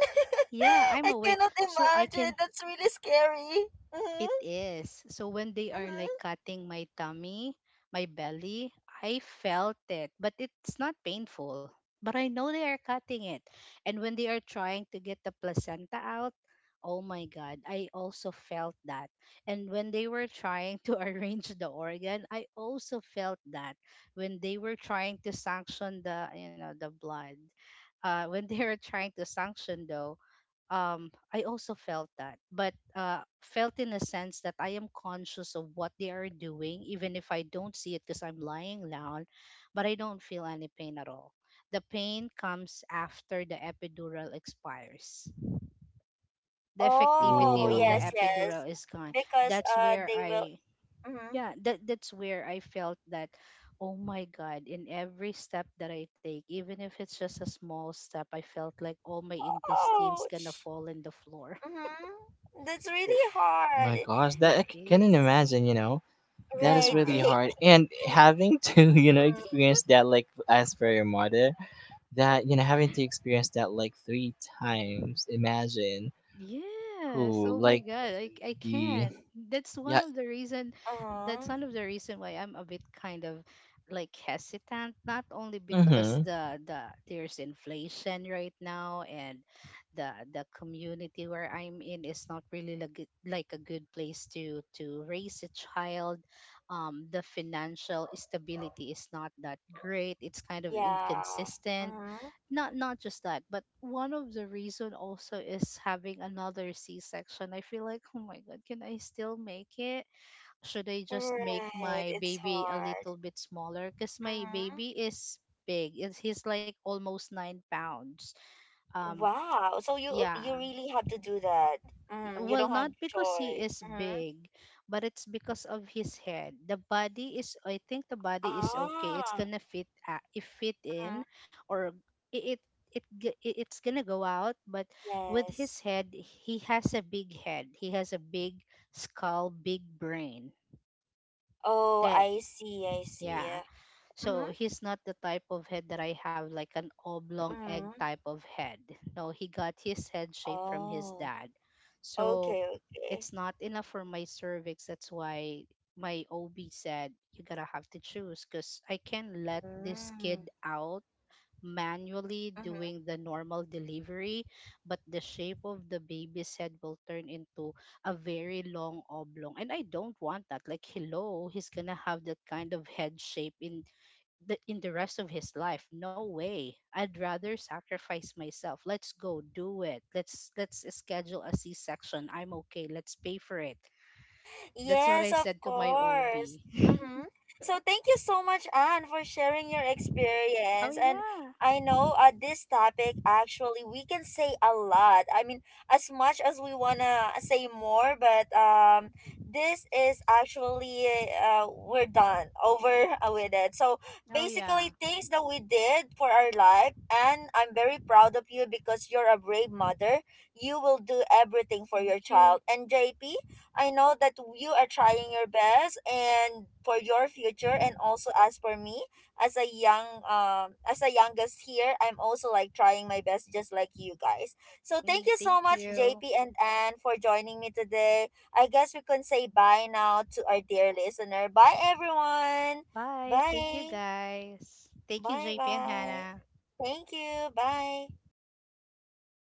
Yeah, I'm
I
awake.
cannot
So I
imagine.
can.
That's really scary. Mm-hmm.
It is. So when they are like
Mm-hmm.
cutting my tummy, my belly, I felt it, but it's not painful. But I know they are cutting it. And when they are trying to get the placenta out, oh my God, I also felt that. And when they were trying to arrange the organ, I also felt that. When they were trying to sanction the, you know, the blood, when they were trying to sanction though, I also felt that, but felt in a sense that I am conscious of what they are doing, even if I don't see it because I'm lying down, but I don't feel any pain at all. The pain comes after the epidural expires. The effectivity
Oh,
of the
Ooh.
yes,
Oh
yes.
epidural is gone.
Because
That's where
they will
I,
mm-hmm.
yeah, that's where I felt that. Oh my God, in every step that I take, even if it's just a small step, I felt like all my intestines gonna
Ouch.
fall in the floor.
Mm-hmm. That's really
my
hard.
gosh,
It
that I couldn't
is.
imagine, you know. That is
Right,
really
Yeah.
right.
hard. And having to, you know,
Mm.
experience that like as for your mother, that, you know, having to experience that like three times. Imagine
Yes.
who
Oh my
like
God. I
the
can't.
yeah,
Uh-huh.
That's one of the reason why I'm a bit kind of like hesitant, not only because
mhm.
there's inflation right now and the community where I'm in is not really like a good place to raise a child. The financial stability is not that great. It's kind of
Yeah.
inconsistent,
Mm-hmm.
not not just that but one of the reason also is having another C-section. I feel like, oh my god, can I still make it? Should I just make
Right.
my
It's
baby a
hard.
little bit smaller because my
Mm-hmm.
baby is big, it's he's like almost 9 pounds, um,
Wow. So you
yeah.
you really have to do that. Mm, you
Well,
don't have
not because he
choice.
is
Mm-hmm.
big, but it's because of his head. The body is, I think the body is okay. It's
Ah.
gonna fit, it fit
Mm-hmm.
in, or it, it it's gonna go out. But with
Yes.
his head, he has a big head. He has a big skull, big brain.
Oh,
That
I see. I see.
Yeah. So
Mm-hmm.
he's not the type of head that I have, like an oblong egg
Mm-hmm.
type of head. No, he got his head shape from his
Oh.
dad. So
Okay. Okay.
it's not enough for my cervix. That's why my OB said, you gotta have to choose because I can let this
Mm.
kid out manually
Mm-hmm.
doing the normal delivery, but the shape of the baby's head will turn into a very long oblong. And I don't want that. Like, hello, he's gonna have that kind of head shape in in the rest of his life. No way. I'd rather sacrifice myself. Let's go do it. Let's schedule a C-section. I'm okay. Let's pay for it. That's what
Yes,
I
of
said to my
course.
OB.
Mm-hmm. So thank you so much, Anne, for sharing your
Oh
experience. And
yeah.
I know this topic actually we can say a lot. I mean, as much as we wanna say more, but this is actually we're done over with it. So
Oh yeah.
basically, things that we did for our life, and I'm very proud of you because you're a brave mother. You will do everything for your
Thank you.
child. And JP, I know that you are trying your best and for your future, and also as for me as a young as a youngest here, I'm also like trying my best just like you guys. So thank
Mm,
you
thank
so much
you.
JP and Anne for joining me today. I guess we can say bye now to our dear listener. Bye everyone.
Bye. Thank you
Bye.
guys. Thank you
Bye
JP and
bye.
Hannah.
Thank you. Bye.